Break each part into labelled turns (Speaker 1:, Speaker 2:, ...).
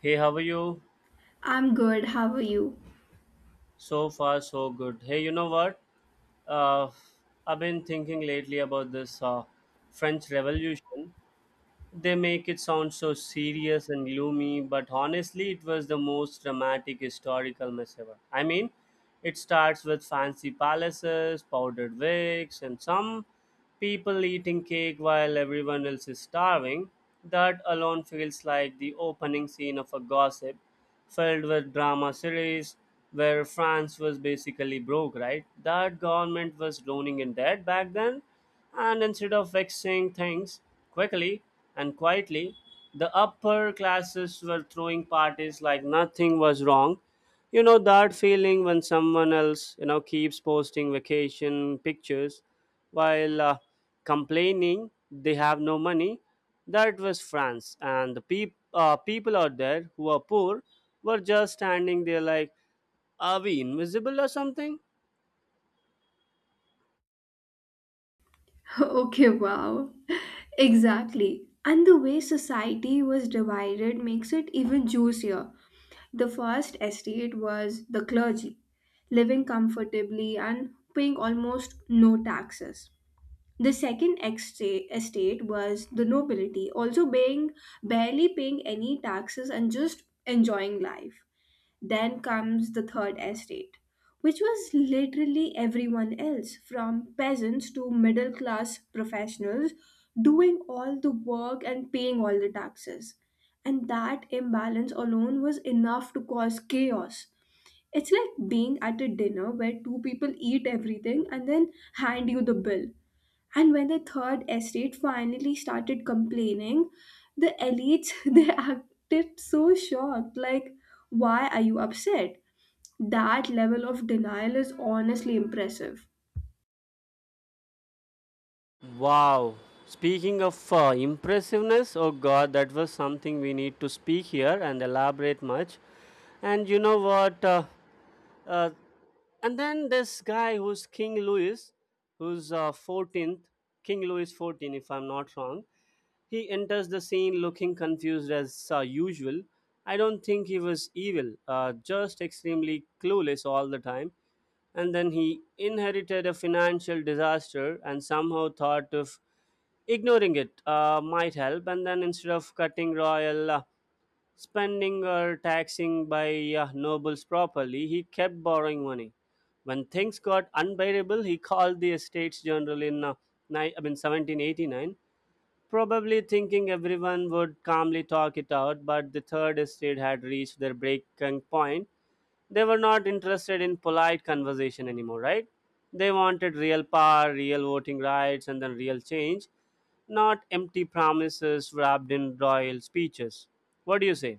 Speaker 1: Hey, how are you?
Speaker 2: I'm good. How are you?
Speaker 1: So far, so good. Hey, you know what? Uh, I've been thinking lately about this French Revolution. They make it sound so serious and gloomy, but honestly, it was the most dramatic historical mess ever. I mean, it starts with fancy palaces, powdered wigs, and some people eating cake while everyone else is starving. That alone feels like the opening scene of a gossip filled with drama series where France was basically broke, right? That government was drowning in debt back then, and instead of fixing things quickly and quietly, the upper classes were throwing parties like nothing was wrong. You know that feeling when someone else, keeps posting vacation pictures while complaining they have no money. That was France, and the people out there who are poor were just standing there like, are we invisible or something?
Speaker 2: Okay, wow. Exactly. And the way society was divided makes it even juicier. The first estate was the clergy, living comfortably and paying almost no taxes. The second estate was the nobility, also paying barely paying any taxes and just enjoying life. Then comes the third estate, which was literally everyone else, from peasants to middle class professionals, doing all the work and paying all the taxes. And that imbalance alone was enough to cause chaos. It's like being at a dinner where two people eat everything and then hand you the bill. And when the third estate finally started complaining, the elites they acted so shocked. Like, why are you upset? That level of denial is honestly impressive.
Speaker 1: Wow. Speaking of impressiveness, oh god, that was something we need to speak here and elaborate much. And you know what? Uh, and then this guy who's King Louis, who's 14th, King Louis 14, if I'm not wrong, he enters the scene looking confused as usual. I don't think he was evil, just extremely clueless all the time. And then he inherited a financial disaster and somehow thought of ignoring it might help. And then instead of cutting royal spending or taxing by nobles properly, he kept borrowing money. When things got unbearable, he called the estates general in, I mean, 1789, probably thinking everyone would calmly talk it out. But the third estate had reached their breaking point. They were not interested in polite conversation anymore, right? They wanted real power, real voting rights, and then real change, not empty promises wrapped in royal speeches. What do you say?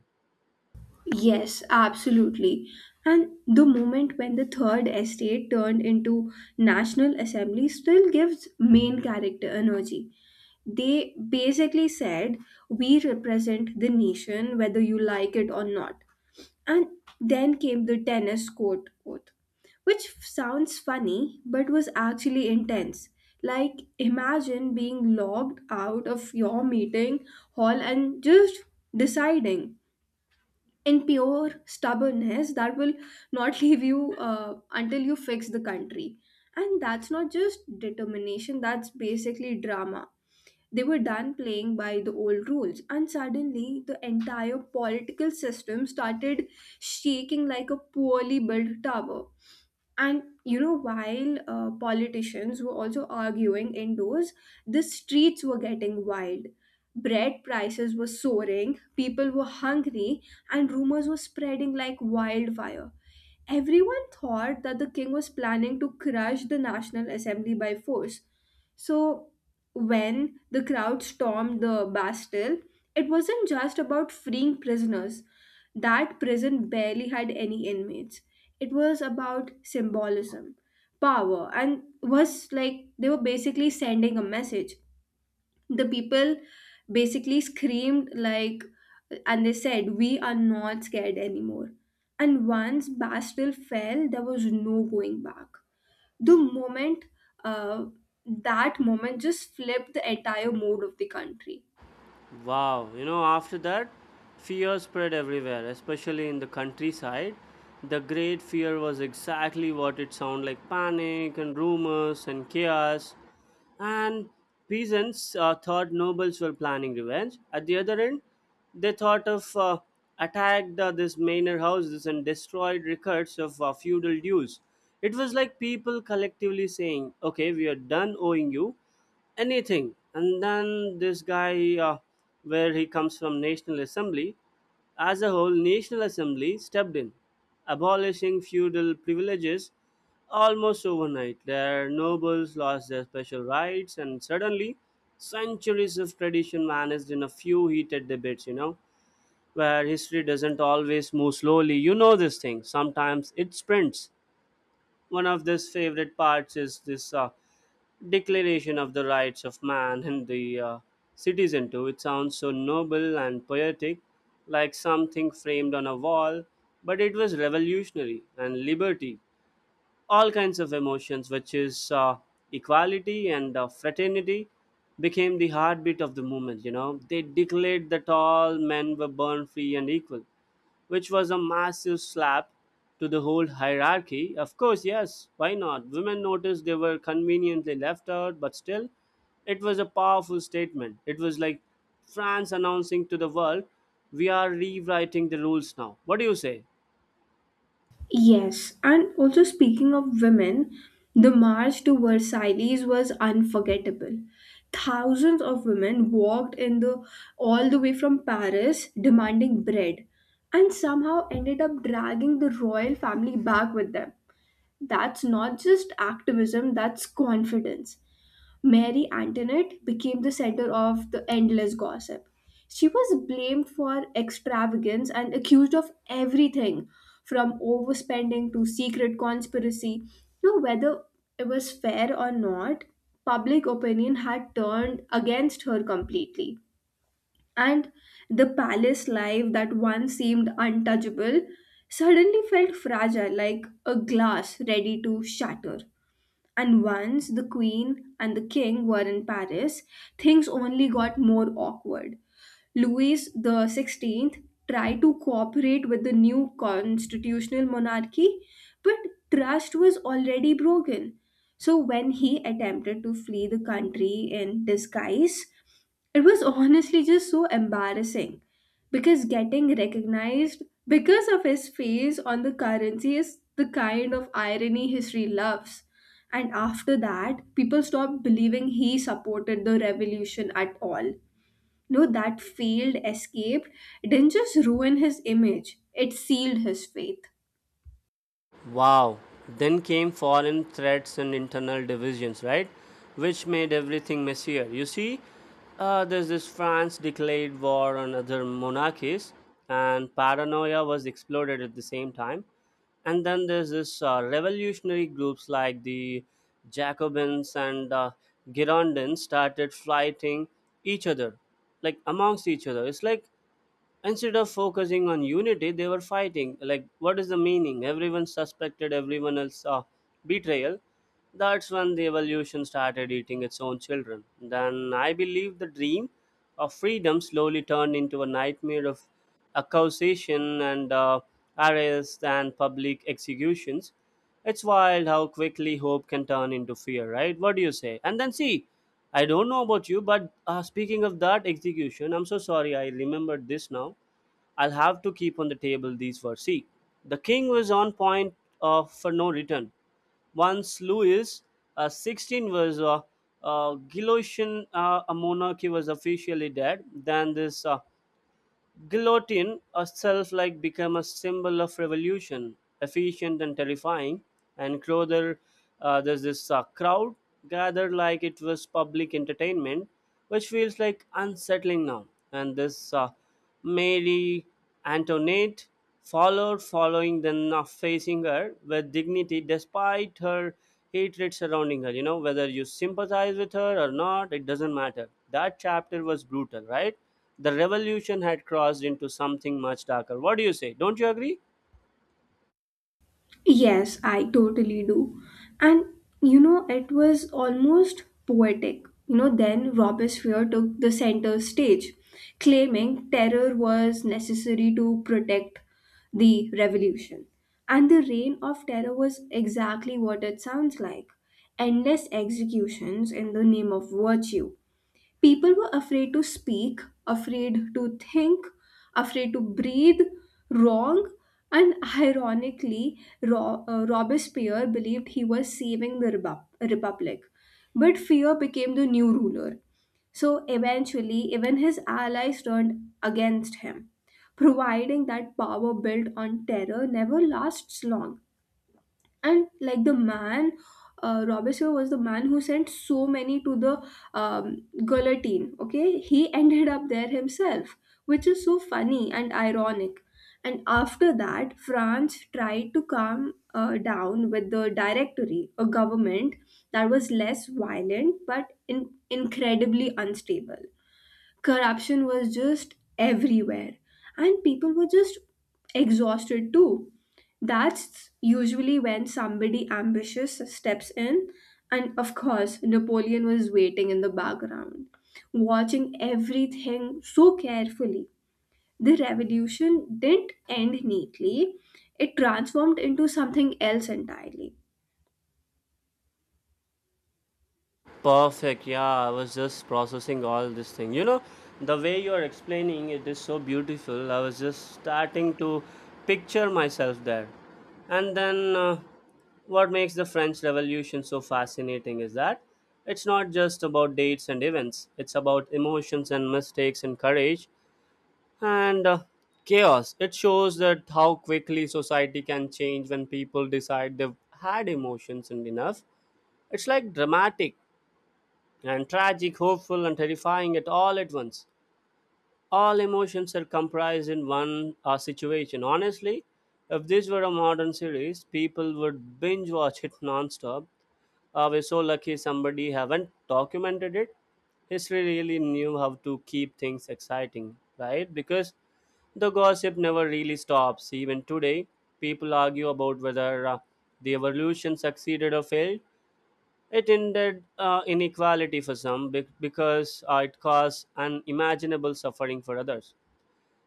Speaker 2: Yes, absolutely. And the moment when the third estate turned into National Assembly still gives main character energy. They basically said, we represent the nation whether you like it or not. And then came the tennis court oath, which sounds funny but was actually intense. Like, imagine being logged out of your meeting hall and just deciding in pure stubbornness that will not leave you until you fix the country. And that's not just determination, that's basically drama. They were done playing by the old rules, and suddenly the entire political system started shaking like a poorly built tower. And you know, while politicians were also arguing indoors, the streets were getting wild. Bread prices were soaring, people were hungry, and rumors were spreading like wildfire. Everyone thought that the king was planning to crush the National Assembly by force. So, when the crowd stormed the Bastille, it wasn't just about freeing prisoners. That prison barely had any inmates. It was about symbolism, power, and was like they were basically sending a message. The people basically screamed like and they said, we are not scared anymore. And once Bastille fell, there was no going back. The moment uh, that moment just flipped the entire mood of the country.
Speaker 1: Wow, after that, fear spread everywhere, especially in the countryside. The great fear was exactly what it sounded like: panic and rumors and chaos. And peasants thought nobles were planning revenge. At the other end, they thought of attacked this manor houses and destroyed records of feudal dues. It was like people collectively saying, "Okay, we are done owing you anything." And then this guy, where he comes from, National Assembly, as a whole, National Assembly stepped in, abolishing feudal privileges almost overnight. Their nobles lost their special rights, and suddenly, centuries of tradition vanished in a few heated debates, you know, where history doesn't always move slowly. You know this thing, sometimes it sprints. One of his favorite parts is this Declaration of the Rights of Man and the Citizen, too. It sounds so noble and poetic, like something framed on a wall, but it was revolutionary and liberty. All kinds of emotions, which is equality and fraternity, became the heartbeat of the movement. You know, they declared that all men were born free and equal, which was a massive slap to the whole hierarchy. Of course, yes, why not? Women noticed they were conveniently left out, but still, it was a powerful statement. It was like France announcing to the world, we are rewriting the rules now. What do you say?
Speaker 2: Yes, and also speaking of women, the march to Versailles was unforgettable. Thousands of women walked in the all the way from Paris demanding bread and somehow ended up dragging the royal family back with them. That's not just activism, that's confidence. Mary Antoinette became the center of the endless gossip. She was blamed for extravagance and accused of everything from overspending to secret conspiracy. Now, whether it was fair or not, public opinion had turned against her completely. And the palace life that once seemed untouchable suddenly felt fragile, like a glass ready to shatter. And once the queen and the king were in Paris, things only got more awkward. Louis the 16th tried to cooperate with the new constitutional monarchy, but trust was already broken. So when he attempted to flee the country in disguise, it was honestly just so embarrassing because getting recognized because of his face on the currency is the kind of irony history loves. And after that, people stopped believing he supported the revolution at all. No, that failed escape didn't just ruin his image, it sealed his faith.
Speaker 1: Wow. Then came foreign threats and internal divisions, right? Which made everything messier. You see, there's this France declared war on other monarchies, and paranoia was exploded at the same time. And then there's this revolutionary groups like the Jacobins and Girondins started fighting each other, like amongst each other. It's like instead of focusing on unity they were fighting like what is the meaning. Everyone suspected everyone else of betrayal. That's when the evolution started eating its own children. Then I believe the dream of freedom slowly turned into a nightmare of accusation and arrests and public executions. It's wild how quickly hope can turn into fear, right? What do you say? And then see, I don't know about you, but speaking of that execution, I'm so sorry I remembered this now. I'll have to keep on the table these words. See, the king was on point for no return. Once Louis 16 was Galician a monarchy was officially dead, then this Guillotine herself like became a symbol of revolution, efficient and terrifying. And Crowther, there's this crowd gathered like it was public entertainment, which feels like unsettling now. And this Mary Antoinette followed following then of facing her with dignity despite her hatred surrounding her. You know whether you sympathize with her or not, it doesn't matter. That chapter was brutal, right? The revolution had crossed into something much darker. What do you say? Don't you agree?
Speaker 2: Yes, I totally do. And you know, it was almost poetic. You know, then Robespierre took the center stage, claiming terror was necessary to protect the revolution. And the reign of terror was exactly what it sounds like, endless executions in the name of virtue. People were afraid to speak, afraid to think, afraid to breathe wrong. And ironically, Robespierre believed he was saving the Republic. But fear became the new ruler. So eventually, even his allies turned against him, providing that power built on terror never lasts long. And like the man, Robespierre was the man who sent so many to the guillotine. Okay, he ended up there himself, which is so funny and ironic. And after that, France tried to calm down with the Directory, a government that was less violent but incredibly unstable. Corruption was just everywhere, and people were just exhausted too. That's usually when somebody ambitious steps in, and of course Napoleon was waiting in the background, watching everything so carefully. The revolution didn't end neatly, it transformed into something else entirely.
Speaker 1: Perfect. Yeah, I was just processing all this thing. You know, the way you're explaining it is so beautiful. I was just starting to picture myself there. And then, what makes the French Revolution so fascinating is that it's not just about dates and events, it's about emotions and mistakes and courage and chaos. It shows that how quickly society can change when people decide they've had emotions and enough. It's like dramatic and tragic, hopeful, and terrifying at all at once. All emotions are comprised in one situation. Honestly, if this were a modern series, people would binge watch it non-stop. We're so lucky somebody haven't documented it. History really knew how to keep things exciting, right? Because the gossip never really stops. Even today, people argue about whether the evolution succeeded or failed. It ended inequality for some because it caused unimaginable suffering for others.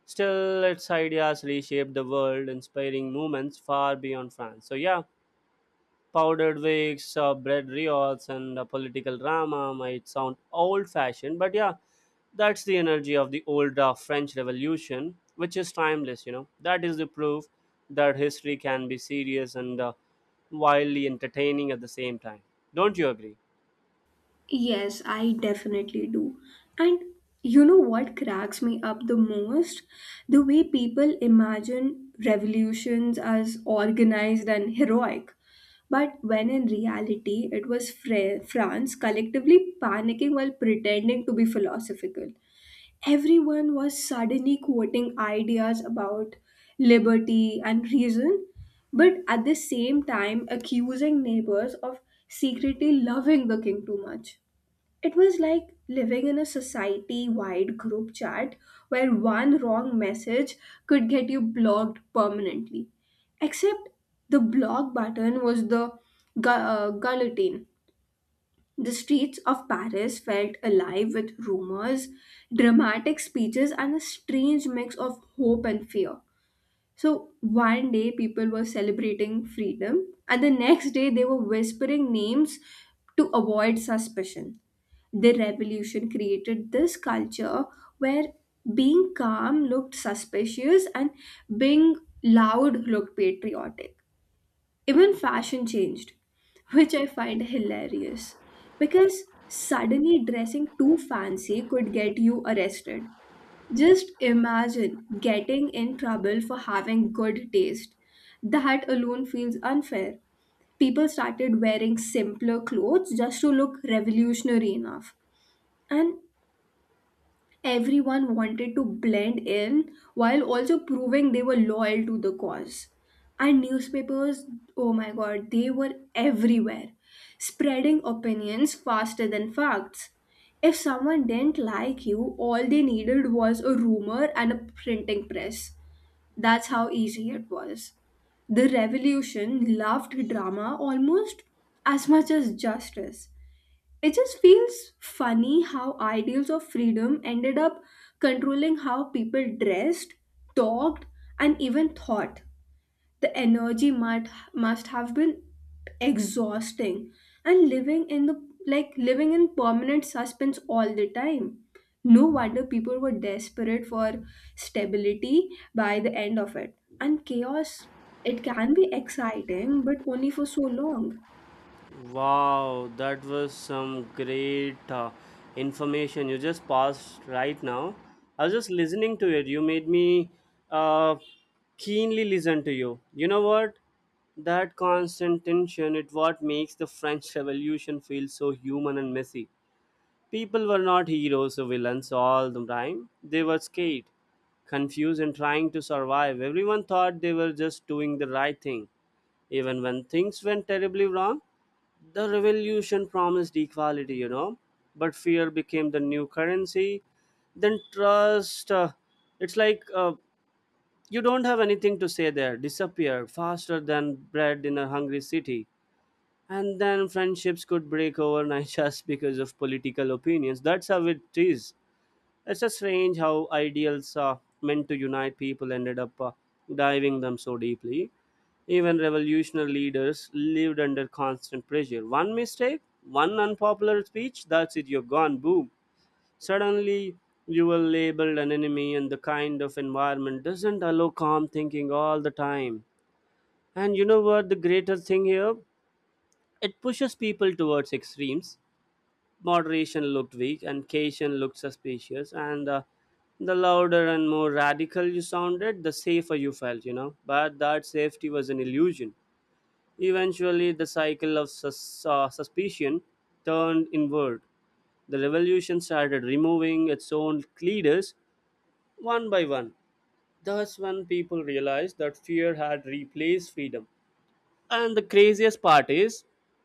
Speaker 1: Still, its ideas reshaped the world, inspiring movements far beyond France. So, yeah, powdered wigs, bread riots, and political drama might sound old fashioned, but yeah, that's the energy of the old French Revolution, which is timeless, you know. That is the proof that history can be serious and wildly entertaining at the same time. Don't you agree?
Speaker 2: Yes, I definitely do. And you know what cracks me up the most? The way people imagine revolutions as organized and heroic. But when in reality, it was France collectively panicking while pretending to be philosophical. Everyone was suddenly quoting ideas about liberty and reason, but at the same time accusing neighbors of secretly loving the king too much. It was like living in a society wide group chat where one wrong message could get you blocked permanently. Except the block button was the guillotine. The streets of Paris felt alive with rumors, dramatic speeches, and a strange mix of hope and fear. So, one day people were celebrating freedom, and the next day they were whispering names to avoid suspicion. The revolution created this culture where being calm looked suspicious and being loud looked patriotic. Even fashion changed, which I find hilarious because suddenly dressing too fancy could get you arrested. Just imagine getting in trouble for having good taste. That alone feels unfair. People started wearing simpler clothes just to look revolutionary enough. And everyone wanted to blend in while also proving they were loyal to the cause. And newspapers, oh my god, they were everywhere, spreading opinions faster than facts. If someone didn't like you, all they needed was a rumor and a printing press. That's how easy it was. The revolution loved drama almost as much as justice. It just feels funny how ideals of freedom ended up controlling how people dressed, talked, and even thought. The energy might must have been exhausting, and living in the like living in permanent suspense all the time. No wonder people were desperate for stability by the end of it. And chaos, it can be exciting, but only for so long.
Speaker 1: Wow, that was some great information you just passed right now. I was just listening to it. You made me uh, keenly listen to you. You know what? That constant tension it what makes the French Revolution feel so human and messy. People were not heroes or villains all the time. They were scared, confused, and trying to survive. Everyone thought they were just doing the right thing, even when things went terribly wrong. The revolution promised equality, but fear became the new currency. Then trust, it's like, you don't have anything to say there, disappear faster than bread in a hungry city. And then friendships could break overnight just because of political opinions. That's how it is. It's a strange how ideals meant to unite people ended up diving them so deeply. Even revolutionary leaders lived under constant pressure. One mistake, one unpopular speech, that's it, you're gone, boom. Suddenly, you were labeled an enemy, and the kind of environment doesn't allow calm thinking all the time. And you know what the greatest thing here? It pushes people towards extremes. Moderation looked weak and caution looked suspicious, and the louder and more radical you sounded, the safer you felt, you know. But that safety was an illusion. Eventually, the cycle of suspicion turned inward. The revolution started removing its own leaders one by one. Thus, when people realized that fear had replaced freedom. And the craziest part is,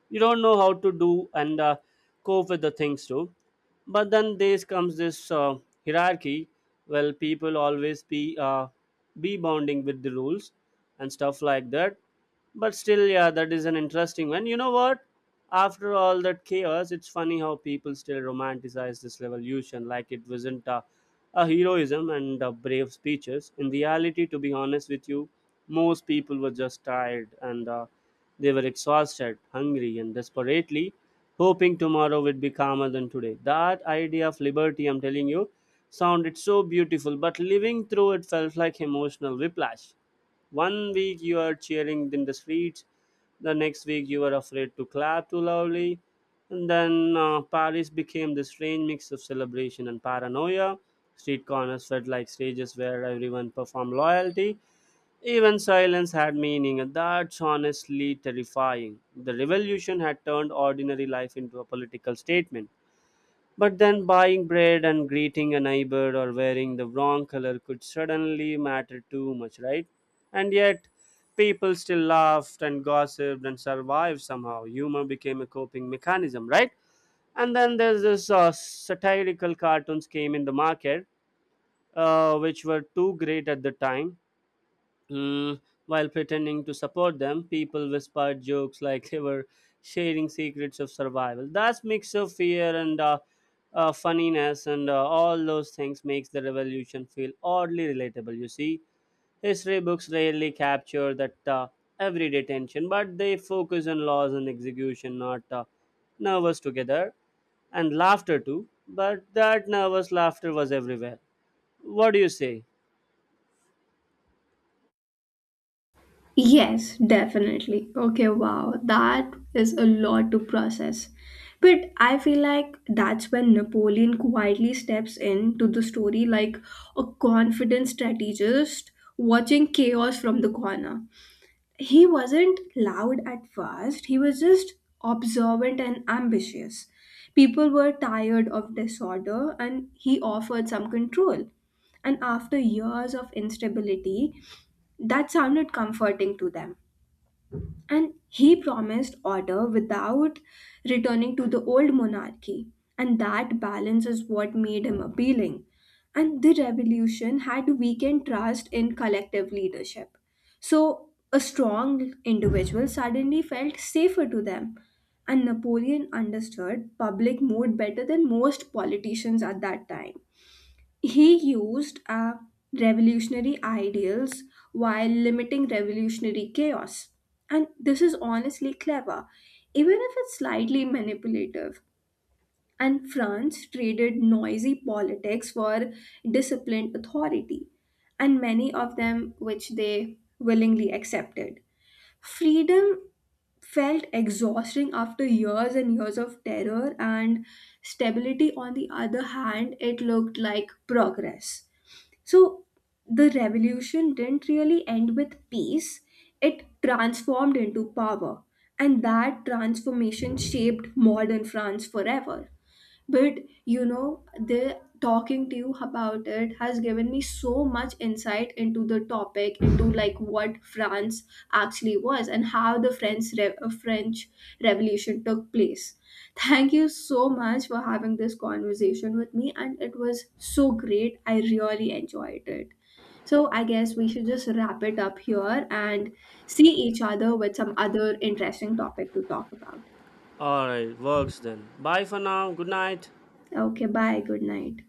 Speaker 1: you don't know how to do and cope with the things too. But then there comes this hierarchy. Well, people always be bonding with the rules and stuff like that. But still, yeah, that is an interesting one. You know what, after all that chaos, it's funny how people still romanticize this revolution like it wasn't a heroism and brave speeches in reality. To be honest with you, most people were just tired and they were exhausted, hungry, and desperately hoping tomorrow would be calmer than today. That idea of liberty, I'm telling you, sounded so beautiful, but living through it felt like emotional whiplash. One week you are cheering in the streets, the next week you were afraid to clap too loudly, and then Paris became this strange mix of celebration and paranoia. Street corners felt like stages where everyone performed loyalty, even silence had meaning. That's honestly terrifying. The revolution had turned ordinary life into a political statement. But then buying bread and greeting a neighbor or wearing the wrong color could suddenly matter too much, right? And yet, people still laughed and gossiped and survived somehow. Humor became a coping mechanism, right? And then there's this satirical cartoons came in the market, which were too great at the time. Mm, while pretending to support them, people whispered jokes like they were sharing secrets of survival. That mix of fear and funniness and all those things makes the revolution feel oddly relatable. You see, history books rarely capture that everyday tension, but they focus on laws and execution, not nervous together and laughter too. But that nervous laughter was everywhere. What do you say?
Speaker 2: Yes, definitely. Okay, wow. That is a lot to process. But I feel like that's when Napoleon quietly steps into the story like a confident strategist watching chaos from the corner. He wasn't loud at first, he was just observant and ambitious. People were tired of disorder, and he offered some control. And after years of instability, that sounded comforting to them, and he promised order without returning to the old monarchy. And that balance is what made him appealing. And the revolution had weakened trust in collective leadership. So, a strong individual suddenly felt safer to them. And Napoleon understood public mood better than most politicians at that time. He used revolutionary ideals while limiting revolutionary chaos. And this is honestly clever, even if it's slightly manipulative. And France traded noisy politics for disciplined authority, and many of them which they willingly accepted. Freedom felt exhausting after years and years of terror, and stability, on the other hand, it looked like progress. So the revolution didn't really end with peace, it transformed into power, and that transformation shaped modern France forever. But you know, the talking to you about it has given me so much insight into the topic, into like what France actually was and how the French Revolution took place. Thank you so much for having this conversation with me, and it was so great. I really enjoyed it. So I guess we should just wrap it up here and see each other with some other interesting topic to talk about.
Speaker 1: All right, works then. Bye for now. Good night.
Speaker 2: Okay, bye. Good night.